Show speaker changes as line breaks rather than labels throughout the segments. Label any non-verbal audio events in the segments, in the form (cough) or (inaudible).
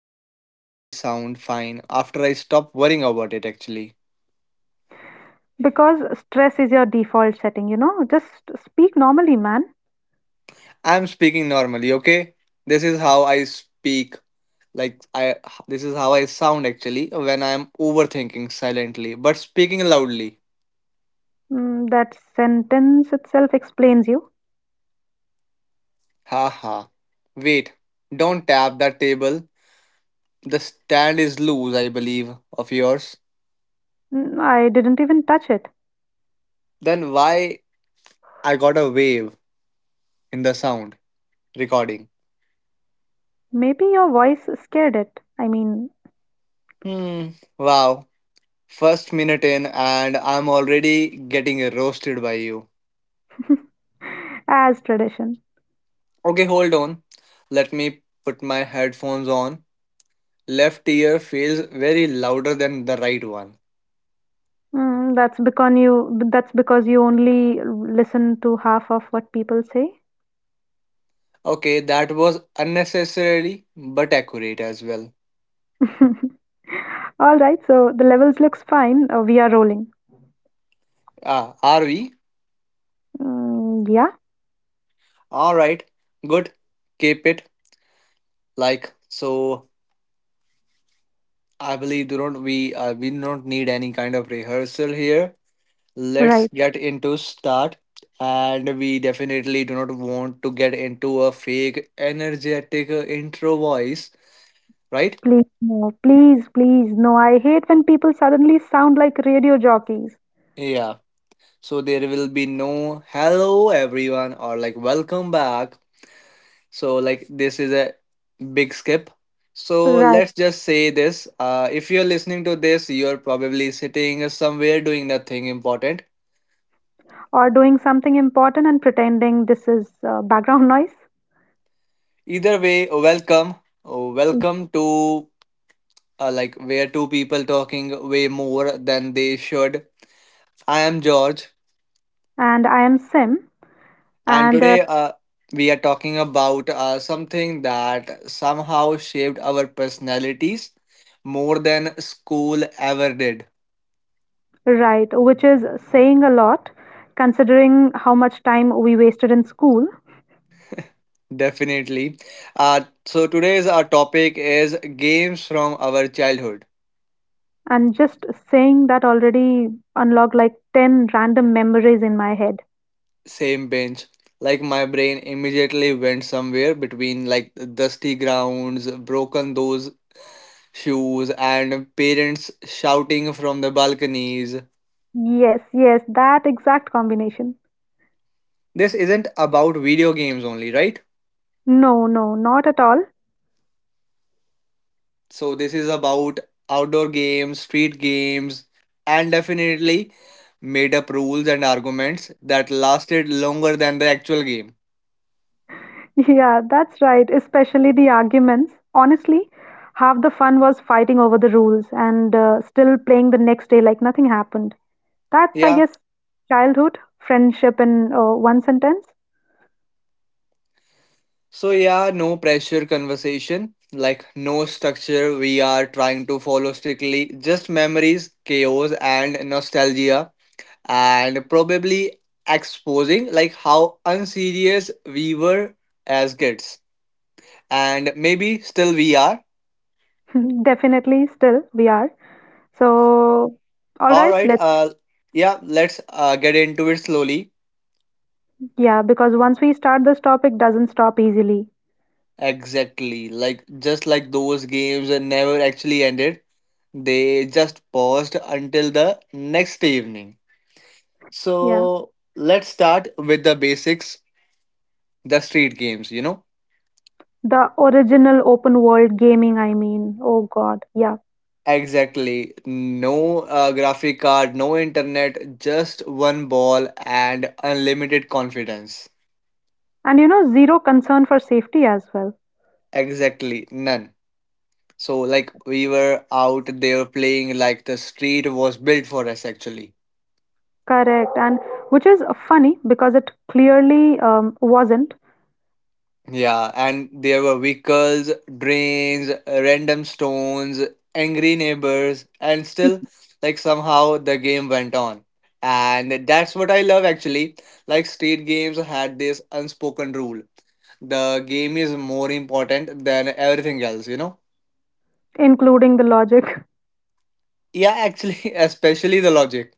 mic always sound fine after I stop worrying about it actually?
Because stress is your default setting, you know? Just speak normally, man.
I'm speaking normally, okay? This is how I speak. Like I this is how I sound actually when I'm overthinking silently but speaking loudly.
Mm, that sentence itself explains you.
Haha. Wait. Don't tap that table. The stand is loose, I believe, of yours.
Mm, I didn't even touch it.
Then why I got a wave in the sound recording?
Maybe your voice scared it.
Hmm. Wow. First minute in, and I'm already getting roasted by you.
(laughs) As tradition.
Okay, hold on. Let me put my headphones on. Left ear feels very louder than the right one.
Mm, that's because you only listen to half of what people say.
Okay, that was unnecessarily but accurate as well.
(laughs) All right, so the levels looks fine. We are rolling.
Ah, are we?
Mm, yeah,
Alright, good. Keep it like so. I believe do not we we do not need any kind of rehearsal here. Let's
right.
get into start, and we definitely do not want to get into a fake energetic intro voice. Right.
Please, no, please, please, no. I hate when people suddenly sound like radio jockeys.
Yeah, so there will be no hello everyone or like welcome back, so like this is a big skip. So
Right.
let's just say this, if you're listening to this, you're probably sitting somewhere doing nothing important.
Or doing something important and pretending this is background (laughs) noise.
Either way, welcome
Yeah.
welcome to like where two people talking way more than they should. I am George,
And I am Sim,
and
and
today we are talking about something that somehow shaped our personalities more than school ever did.
right, which is saying a lot considering how much time we wasted in school.
Definitely. So today's our topic is games from our childhood.
And just saying that already unlocked like 10 random memories in my head.
Same bench. Like my brain immediately went somewhere between like dusty grounds, broken those shoes, and parents shouting from the balconies.
Yes, yes, that exact combination.
This isn't about video games only, right?
No, no, not at all.
So, this is about outdoor games, street games, and definitely made up rules and arguments that lasted longer than the actual game.
Yeah, that's right, especially the arguments. Honestly, half the fun was fighting over the rules and still playing the next day like nothing happened. That's, I
Yeah.
guess, childhood, friendship in one sentence.
So, yeah, no pressure conversation, like no structure we are trying to follow strictly, just memories, chaos, and nostalgia, and probably exposing like how unserious we were as kids and maybe still we are.
(laughs) Definitely, still, we are. So, all
All
right,
right.
let's,
Yeah, let's get into it slowly.
yeah, because once we start this topic, doesn't stop easily.
Exactly, like just like those games that never actually ended, they just paused until the next evening.
Yeah.
So let's start with the basics, the street games, you know.
The original open world gaming, I mean. Oh God, yeah.
Exactly. No, graphic card, no internet, just one ball and unlimited confidence.
And you know, zero concern for safety as well.
Exactly. None. So, like, we were out there playing like the street was built for us, actually.
Correct, and which is funny because it clearly wasn't,
Yeah, and there were vehicles, drains, random stones, angry neighbors, and still, like, somehow the game went on. And that's what I love actually. Like, street games had this unspoken rule, the game is more important than everything else, you know?
including the logic. (laughs)
Yeah, actually, (laughs) especially the logic.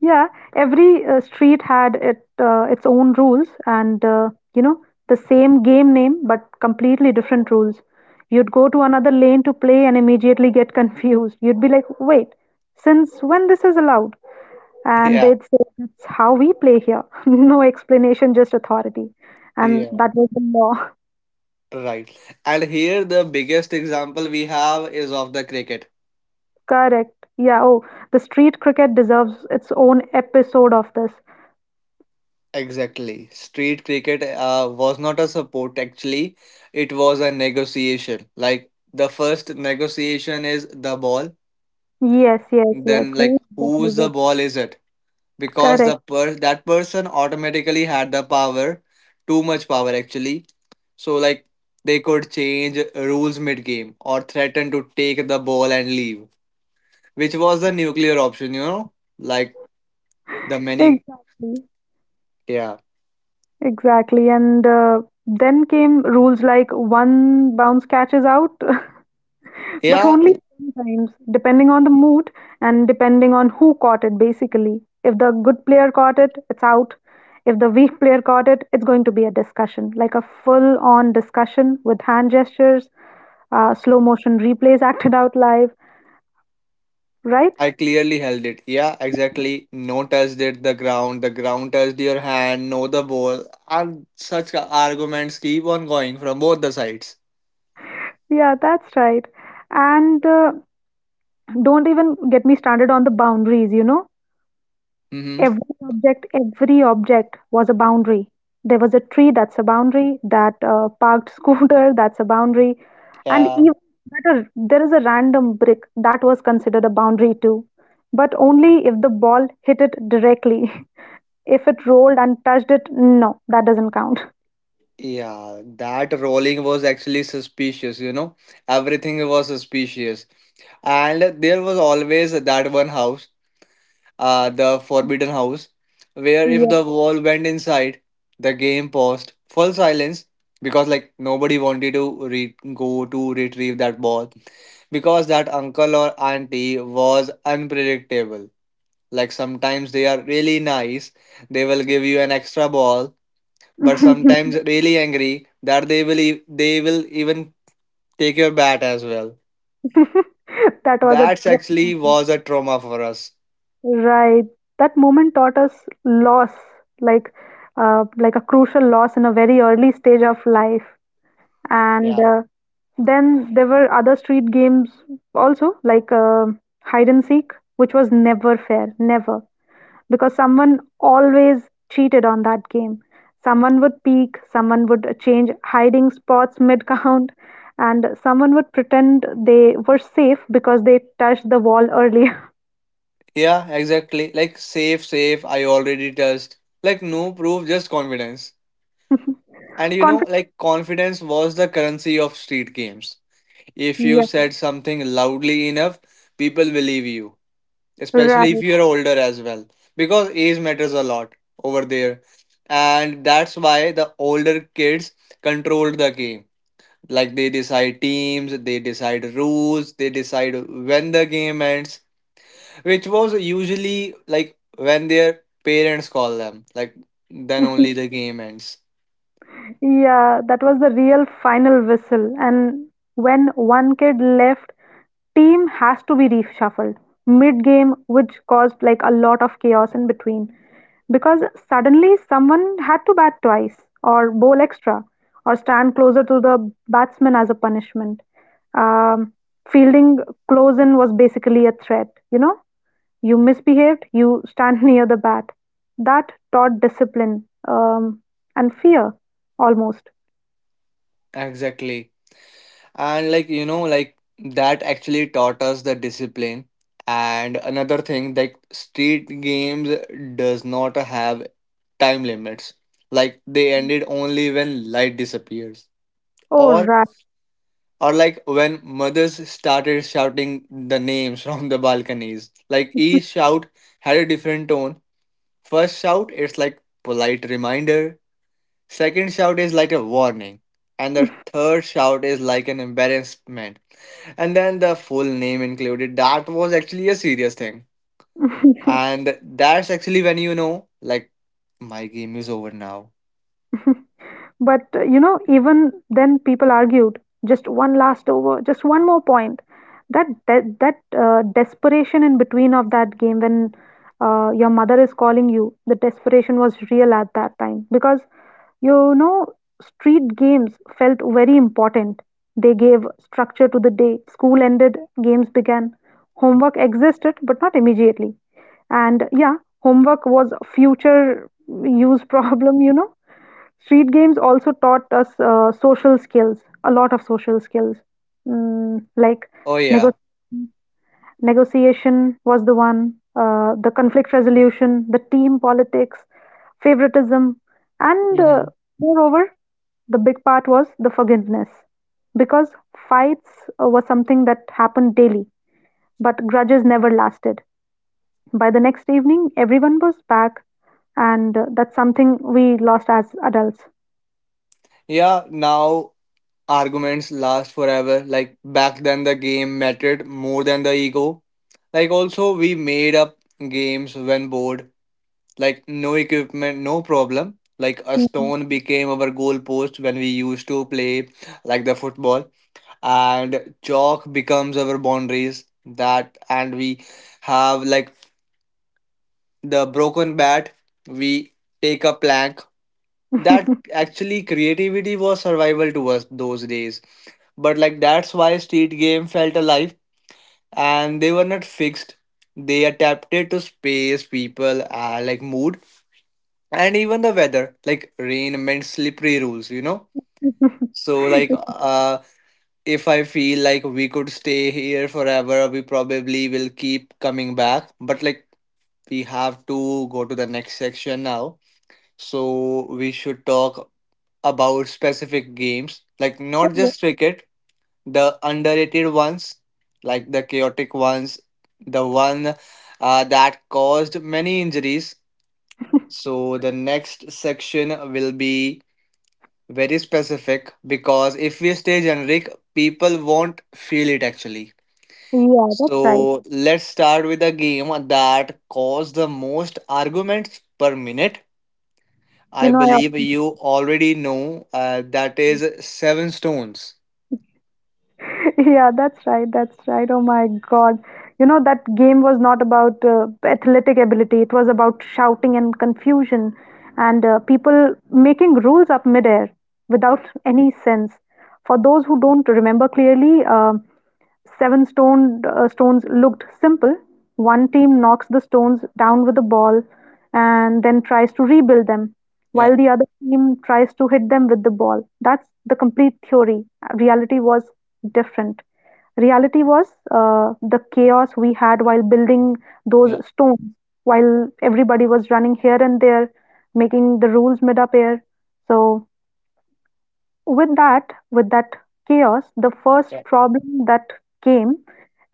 Yeah, every street had it its own rules, and you know, the same game name but completely different rules. You'd go to another lane to play and immediately get (laughs) confused. You'd be like, "Wait, since when this is allowed?" And
Yeah,
they'd say, "That's how we play here. (laughs) No explanation, just authority." And
yeah,
that was the law.
right. And here, the biggest example we have is of the cricket.
Correct. Yeah. Oh, the street cricket deserves its own episode of this.
Exactly. Street cricket was not a support actually, it was a negotiation. Like the first negotiation is the ball,
Yes, yes, yes.
then
Whose
like
ball
whose
is
the
it?
ball is it? Because
Correct.
the per that person automatically had the power, too much power actually. So like they could change rules mid game or threaten to take the ball and leave, which was the nuclear option, you know? Like the many.
Exactly.
Yeah.
Exactly. And then came rules like one bounce catches out. (laughs) But
Yeah,
only sometimes, depending on the mood and depending on who caught it, basically. If the good player caught it, it's out. If the weak player caught it, it's going to be a discussion, like a full on discussion with hand gestures, slow motion replays (laughs) acted out live, right?
I clearly held it. Yeah, exactly. No touched it the ground. The ground touched your hand. No, the ball. And such arguments keep on going from both the sides.
Yeah, that's right. And don't even get me started on the boundaries, you know.
Mm-hmm.
Every object was a boundary. There was a tree, that's a boundary. That parked scooter, (laughs) that's a boundary. And
Yeah.
even better, there is a random brick that was considered a boundary too. But only if the ball hit it directly. (laughs) If it rolled and touched it, no, that doesn't count.
Yeah, that rolling was actually suspicious, you know. Everything was suspicious. And there was always that one house, the forbidden house, where if
Yeah.
the ball went inside, the game paused. Full silence because like nobody wanted to go to retrieve that ball, because that uncle or auntie was unpredictable. Like sometimes they are really nice, they will give you an extra ball,
(laughs)
but sometimes really angry that they will even take your bat as well.
That was a
That's actually
trauma.
was a trauma for us.
Right. That moment taught us loss, like like a crucial loss in a very early stage of life. And
Yeah.
then there were other street games also, like hide and seek, which was never fair, never, because someone always cheated on that game. Someone would peek, someone would change hiding spots (laughs) mid count, and someone would pretend they were safe because they touched the wall earlier.
Yeah, exactly. Like safe, safe. I already touched. Like no proof, just confidence. And
(laughs) Confidence,
like confidence was the currency of street games. If you
yeah,
said something loudly enough, people believe you, especially if
right.
you're older as well, because age matters a lot over there, and that's why the older kids control the game. Like they decide teams, they decide rules, they decide when the game ends, which was usually like when their parents call them. Like then
(laughs)
only the game ends.
Yeah, that was the real final whistle. And when one kid left, team has to be reshuffled mid-game, which caused like a lot of chaos in between. Because suddenly someone had to bat twice, or bowl extra, or stand closer to the batsman as a punishment. Um, Fielding close in was basically a threat. You know, you misbehaved, you stand (laughs) near the bat. That taught discipline and fear almost.
Exactly, and like like that actually taught us the discipline. And another thing, like street games does not have time limits, like they ended only when light disappears,
Oh,
or
right.
like when mothers started shouting the names (laughs) from the balconies. Like each shout had a different tone. First shout it's like polite reminder. Second shout is like a warning. And the third shout is like an embarrassment. And then the full name included. That was actually a serious thing.
(laughs)
And that's actually when like, my game is over now.
But you know, even then, people argued. Just one last over, just one more point. That desperation in between of that game when your mother is calling you, the desperation was real at that time because you know, street games felt very important. They gave structure to the day. School ended, games began. Homework existed, but not immediately. And yeah, homework was a future use (laughs) problem, you know. Street games also taught us social skills, a lot of social skills. Mm, like
Oh,
nego
yeah.
negotiation was the one, the conflict resolution, the team politics, favoritism, and
Hmm.
moreover, the big part was the forgiveness. Because fights were something that happened daily, but grudges never lasted. By the next evening, everyone was back, and that's something we lost as adults.
Yeah, now arguments last forever. Like, back then the game mattered more than the ego. Like, also, we made up games when bored. Like no equipment, no problem. Like a stone became our goalpost when we used to play like the football, and chalk becomes our boundaries. That, and we have like the broken bat. We take a plank. That
Mhm. (laughs)
actually creativity was survival to us those days. But like that's why street game felt alive, and they were not fixed. They adapted to space, people, and like mood, and even the weather, like rain meant slippery rules, you know.
(laughs)
So like if I feel like we could stay here forever, we probably will keep coming back, but like we have to go to the next section now. So we should talk about specific games, like
Oh,
not
yeah,
just cricket, the underrated ones, like the chaotic ones, the one that caused many injuries. So the next section will be very specific, because if we stay generic, people won't feel it actually.
yeah, that's
So
right.
let's start with a game that caused the most arguments per minute.
You
I
know, I
believe
often,
you already know that is Seven Stones.
(laughs) yeah, that's right, that's right. Oh my God. You know, that game was not about athletic ability, it was about shouting and confusion and people making rules up midair without any sense. For those who don't remember clearly, Seven stones looked simple. One team knocks the stones down with a ball and then tries to rebuild them,
Yeah,
while the other team tries to hit them with the ball. That's the complete theory. Reality was different. Reality was the chaos we had while building those
yeah,
stones, while everybody was running here and there, making the rules mid up air. So with that chaos, the first
yeah,
problem that came,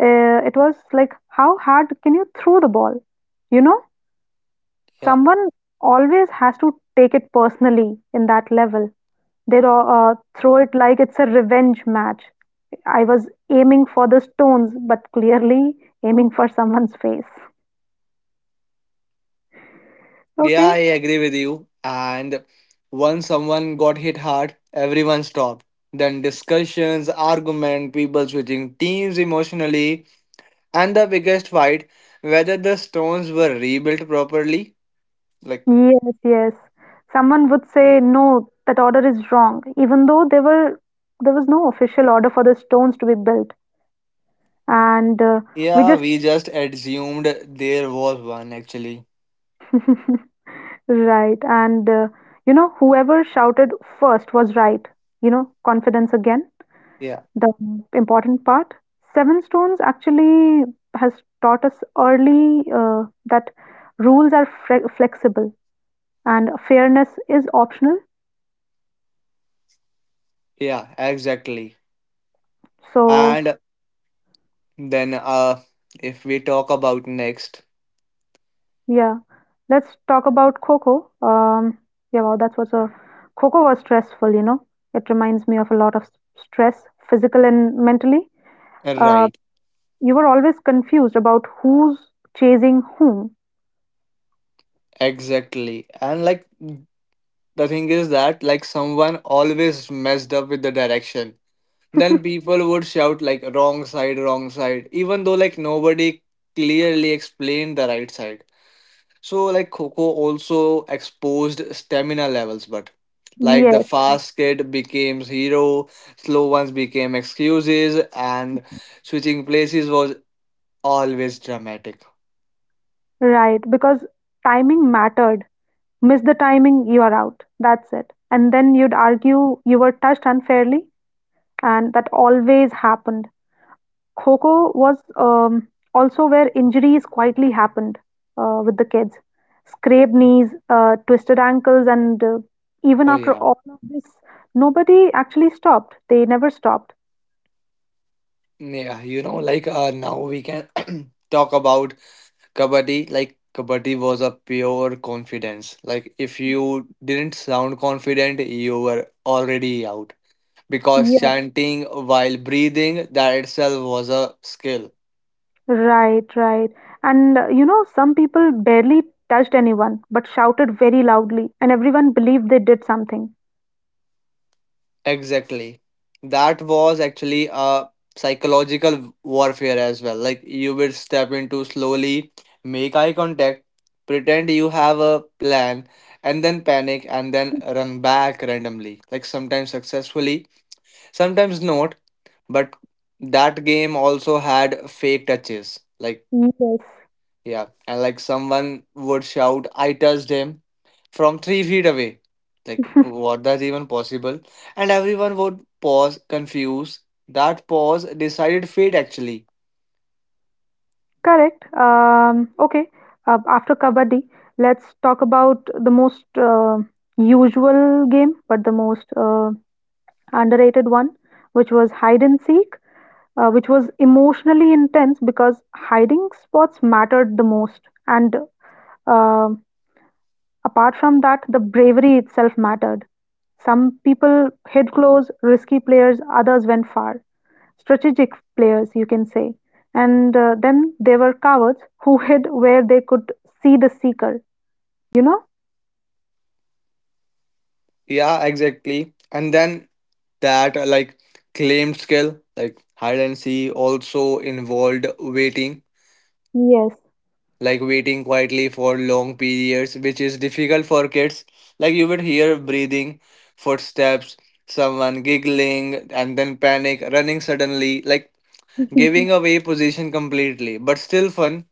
it was like how hard can you throw the ball, you know,
yeah.
someone always has to take it personally in that level, they throw it like it's a revenge match. I was aiming for the stones but clearly aiming for someone's face.
Yeah, I
Okay.
agree with you. And once someone got hit hard, everyone stopped. Then discussions, argument, people switching teams emotionally. And the biggest fight, whether the stones were rebuilt properly. Like,
Yes, yes. Someone would say, "No, that order is wrong," even though there was no official order for the stones to be built, and we
yeah,
just
we just assumed there was one actually.
(laughs) right. And you know, whoever shouted first was right. You know, confidence again,
Yeah,
the important part. Seven Stones actually has taught us early that rules are flexible and fairness is optional.
yeah, exactly.
So
And then, if we talk about next,
Yeah, let's talk about Coco. Yeah, wow, that was a Coco was stressful, you know. It reminds me of a lot of stress, physical and mentally. Uh,
right,
you were always confused about who's chasing whom.
exactly. And like, the thing is that, like, someone always messed up with the direction. Then people would shout, like, wrong side, even though, like, nobody clearly explained the right side. So like Coco also exposed stamina levels, but like the
Yes,
fast kid became hero, slow ones became excuses, and switching places was always dramatic.
right, because timing mattered. Miss the timing, you are out. That's it. And then you'd argue you were touched unfairly, and that always happened. Kho was also where injuries quietly happened with the kids. Scraped knees, twisted ankles, and even
Oh
after
yeah,
all of this, nobody actually stopped. They never stopped.
yeah. Like, now we can (clears throat) talk about kabaddi. Like kabaddi was a pure confidence. Like if you didn't sound confident, you were already out, because
Yes.
chanting while breathing, that itself was a skill.
Right, right. And you know, some people barely touched anyone but shouted very loudly, and everyone believed they did something.
Exactly. That was actually a psychological warfare as well. Like you would step into slowly, make eye contact, pretend you have a plan, and then panic and then run back randomly. Like sometimes successfully, sometimes not. But that game also had fake touches. Like,
Yes.
yeah. And like someone would shout, I touched him from 3 feet away. Like,
(laughs)
what that's even possible? And everyone would pause, confused. That pause decided fate, actually.
Correct. Okay. After Kabaddi, let's talk about the most usual game, but the most underrated one, which was hide and seek, which was emotionally intense because hiding spots mattered the most. And uh, apart from that, the bravery itself mattered. Some people hid close, risky players, others went far strategic players, you can say. And then there were cowards who (laughs) hid where they could see the seeker, you know?
Yeah, exactly. And then that, like, claimed skill, like hide and seek, also involved waiting,
Yes.
like waiting quietly for long periods, which is difficult for kids. Like, you would hear breathing, footsteps, someone giggling, and then panic, running suddenly. Like, giving
(laughs)
away position completely, but still fun.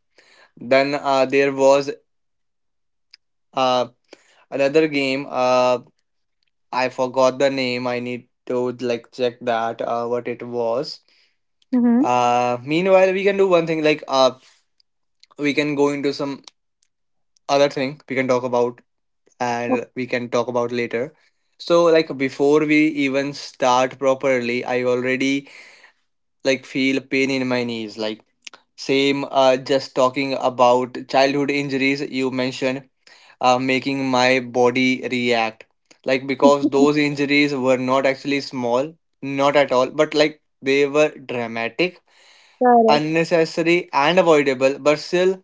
Then there was uh, another game. I forgot the name. I need to like check that what it was.
hmm
Meanwhile, we can do one thing. Like we can go into some other thing. We can talk about
Okay.
and we can talk about later. So like before we even start properly, I already like feel pain in my knees. Like same just talking about childhood injuries you mentioned making my body react. Like, because those injuries were not actually small, not at all, but like they were dramatic,
Correct.
unnecessary, and avoidable, but still,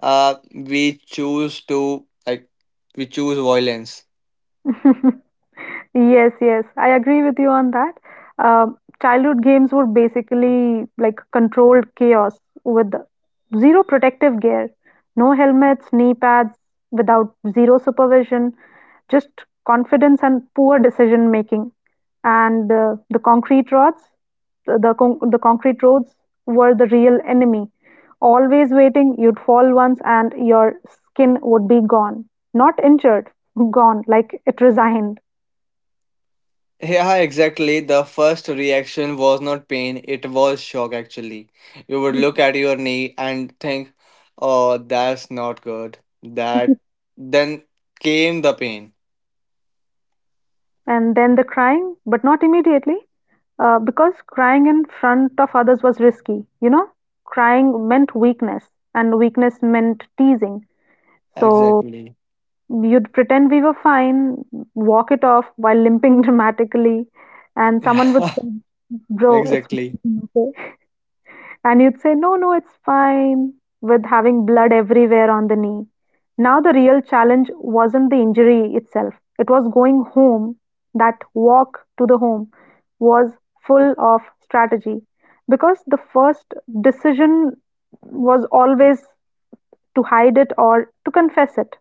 uh, we choose to, like, we choose violence.
(laughs) Yes, yes, I agree with you on that. Childhood games were basically like controlled chaos with zero protective gear, no helmets, knee pads, without zero supervision. Just confidence and poor decision making. And the concrete roads, the concrete roads were the real enemy. Always waiting, you'd fall once and your skin would be gone. Not injured, gone, like it resigned.
Yeah, exactly. The first reaction was not pain, it was shock actually. You would look at your knee and think, oh, that's not good. That Then came the pain.
And then the crying, but not immediately, because crying in front of others was risky, you know? Crying meant weakness, and weakness meant teasing. So
Exactly.
you'd pretend we were fine, walk it off while limping (laughs) dramatically, and someone would say,
(laughs)
"Bro, it's
Exactly.
bleeding, okay?" And you'd say, "No, no, it's fine," with having blood everywhere on the knee. Now, the real challenge wasn't the injury itself, it was going home. That walk to the home was full of strategy because the first decision was always to hide it or to confess it.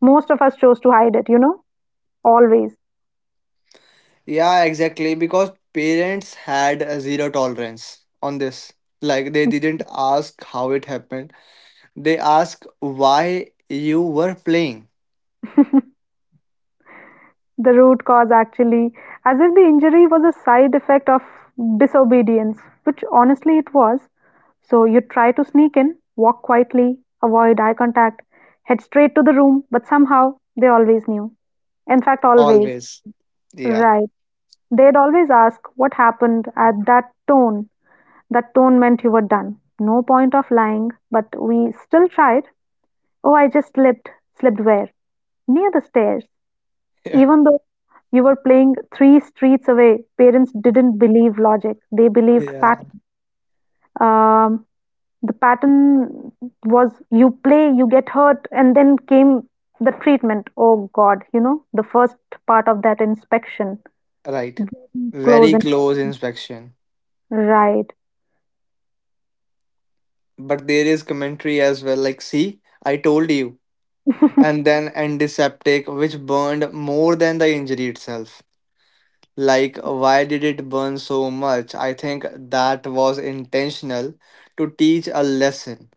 Most of us chose to hide it, you know. Always.
Yeah, exactly. Because parents had a zero tolerance on this. Like they didn't ask how it happened. They asked why you were playing.
The root cause actually, as if the injury was a side effect of disobedience, which honestly it was. So you try to sneak in, walk quietly, avoid eye contact, head straight to the room, but somehow they always knew. In fact, always.
Always. Yeah.
Right. They'd always ask what happened at that tone. That tone meant you were done. No point of lying, but we still tried. Oh, I just slipped. Slipped where? Near the stairs.
(laughs) Yeah.
Even though you were playing three streets away, parents didn't believe logic. They believed
Yeah.
pattern. Um, the pattern was you play, you get hurt, and then came the treatment. Oh God, you know, the first part of that inspection.
Right.
Very close
Very
and
close inspection.
right.
But there is commentary as well, like, see, I told you. And then antiseptic, which burned more than the injury itself. Like, why did it burn so much? I think that was intentional to teach a lesson,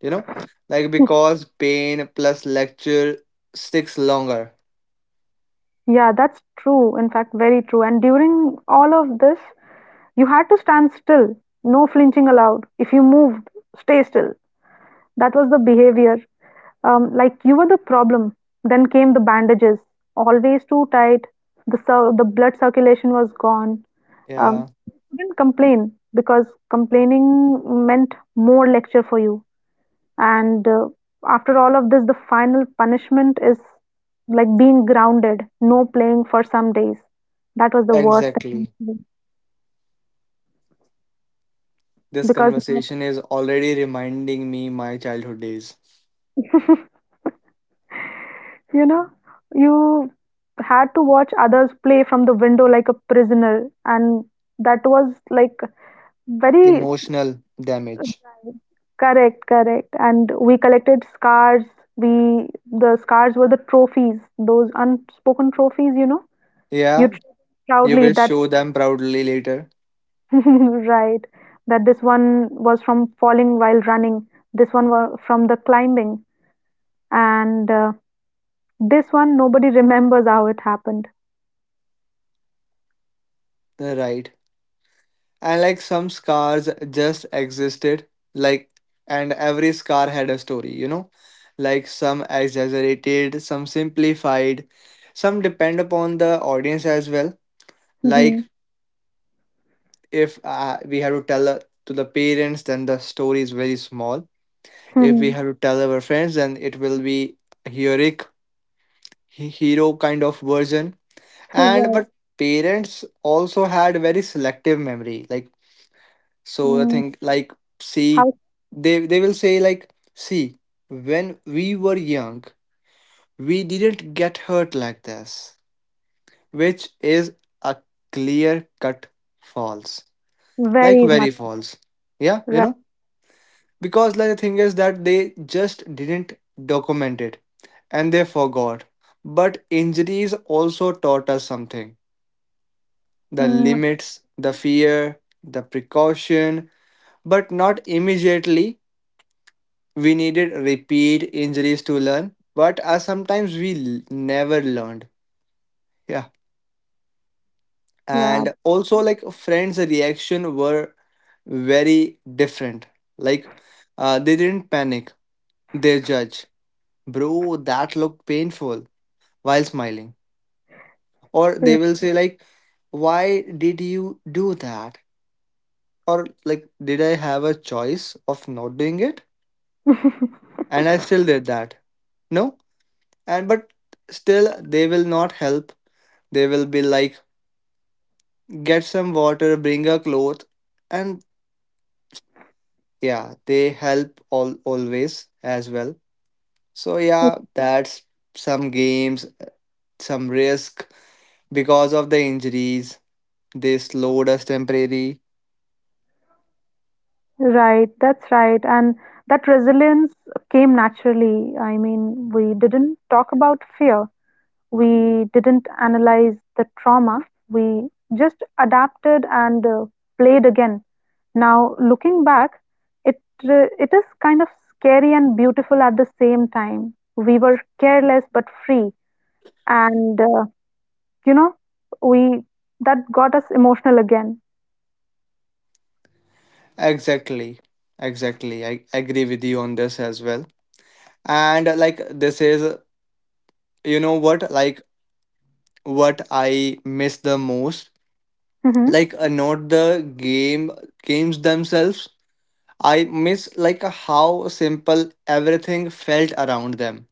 you know? Like, because pain plus lecture sticks longer.
Yeah, that's true. In fact, very true. And during all of this, you had to stand still, no flinching allowed. If you moved, stay still. That was the behavior. Like you were the problem. Then came the bandages, always too tight. The blood circulation was gone.
Yeah,
You couldn't complain because complaining meant more lecture for you. And after all of this, the final punishment is like being grounded, no playing for some days. That was the worst thing
exactly. This
because
conversation is already reminding me my childhood days.
(laughs) you know, you had to watch others play from the window like a prisoner, and that was like very
Emotional damage.
correct, correct. And we collected scars. We The scars were the trophies, those unspoken trophies. You know, you
Yeah,
treat
you
proudly
will
that
show them proudly later.
(laughs) right that this one was from falling while running, this one was from the climbing, and this one nobody remembers how it happened.
Right. And like some scars just existed, like, and every scar had a story, you know? Like some exaggerated, some simplified, some depend upon the audience as well.
(laughs)
Like,
Mhm.
if we had to tell to the parents, then the story is very small. If we
Mhm.
have to tell our friends, then it will be heroic, hero kind of version. And
Right.
but parents also had very selective memory. Like, so I
Mm,
think like see
how
they will say like see when we were young we didn't get hurt like this, which is a clear cut false, like
very
very
much
false, yeah, you
right.
know. Because like the thing is that they just didn't document it and they forgot. But injuries also taught us something: the
Mm,
limits, the fear, the precaution. But not immediately. We needed repeat injuries to learn, but sometimes we never learned. Yeah.
yeah,
And also, like, friends' reaction were very different. Like, they didn't panic, they judge, bro, that looked painful, while smiling. Or they
right.
will say, like, why did you do that? Or, like, did I have a choice of not doing it? And I still did that. No. And, but still, they will not help. They will be like, get some water, bring a cloth, and yeah, they help all always as well. So yeah, that's some games, some risk because of the injuries. They slowed us temporarily.
Right, that's right. And that resilience came naturally. I mean, we didn't talk about fear. We didn't analyze the trauma. We just adapted and played again. Now, looking back, it it is kind of scary and beautiful at the same time. We were careless but free, and you know, we that got us emotional again.
Exactly, exactly. I agree with you on this as well. And like this is, you know what, like what I miss the most.
Mm-hmm.
Like not the games themselves. I miss like how simple everything felt around them.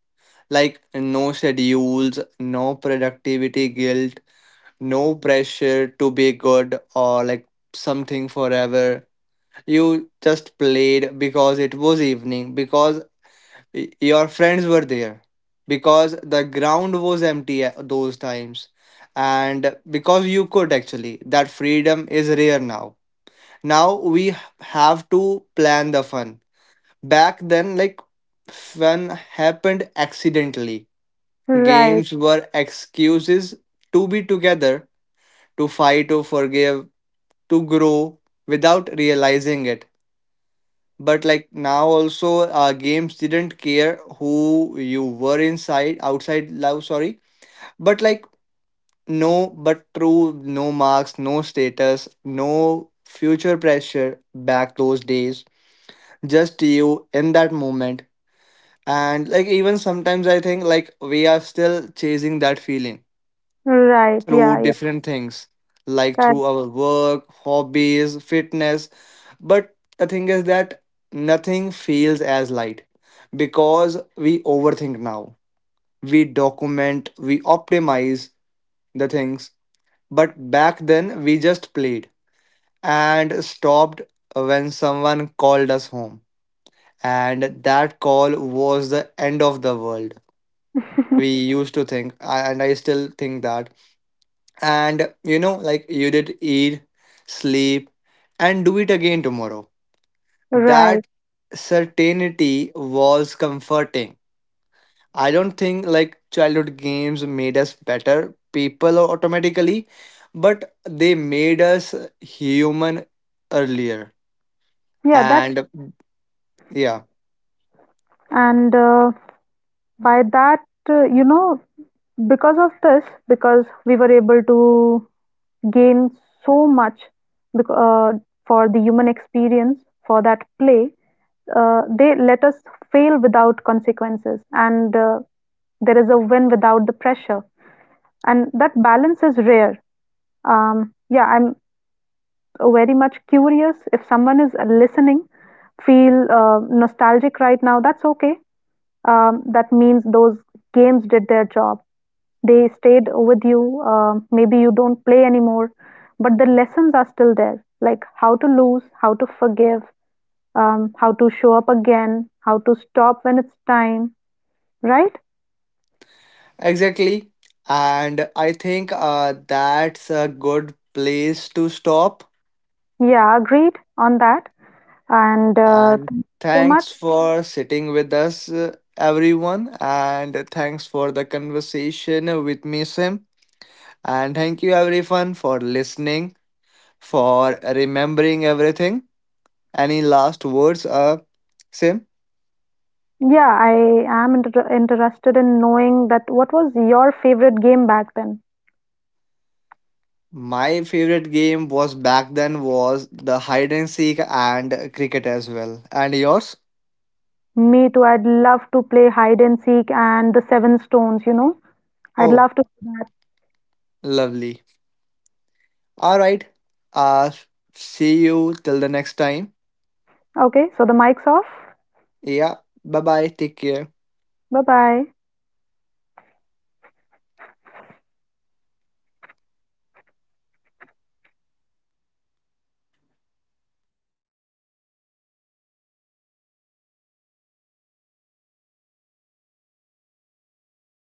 Like no schedules, no productivity guilt, no pressure to be good or like something forever. You just played because it was evening, because your friends were there, because the ground was empty at those times, and because you could actually. That freedom is rare now. Now we have to plan the fun. Back then like fun happened accidentally,
Right,
games were excuses to be together, to fight, to forgive, to grow without realizing it. But like now also, games didn't care who you were inside outside love sorry, but like no but true, no marks, no status, no future pressure back those days, just you in that moment. And like even sometimes I think like we are still chasing that feeling
right, yeah,
through
yeah,
different things, like
correct.
through
(laughs)
our work, hobbies, fitness. But the thing is that nothing feels as light because we overthink now, we document, we optimize the things. But back then we just played and stopped when someone called us home, and that call was the end of the world, we used to think. And I still think that. And you know, like, you did eat, sleep, and do it again tomorrow.
Right,
That certainty was comforting. I don't think like childhood games made us better people automatically, but they made us human earlier.
yeah, that's
And yeah,
and by that, you know, because of this, because we were able to gain so much bec- uh, for the human experience for that play, they let us fail without consequences, and there is a win without the pressure, and that balance is rare. Yeah, I'm very much curious, if someone is listening, feel nostalgic right now, that's okay. That means those games did their job. They stayed with you. Maybe you don't play anymore, but the lessons are still there like how to lose, how to forgive, how to show up again, how to stop when it's time, right?
exactly, and I think that's a good place to stop.
Yeah, agreed on that. And
And
thank you so much.
thanks for sitting with us, everyone. And thanks for the conversation with me, Sim. And thank you, everyone, for listening, for remembering everything. Any last words, Sim?
Yeah, I am interested in knowing that what was your favorite game back then?
My favorite game was back then was the hide and seek and cricket as well. And yours?
Me too. I'd love to play hide and seek and the seven stones, you know. I'd
Oh,
love to do that.
lovely. All right. Uh, see you till the next time.
Okay, so the mic's off.
Yeah. Bye bye. Take care.
Bye bye.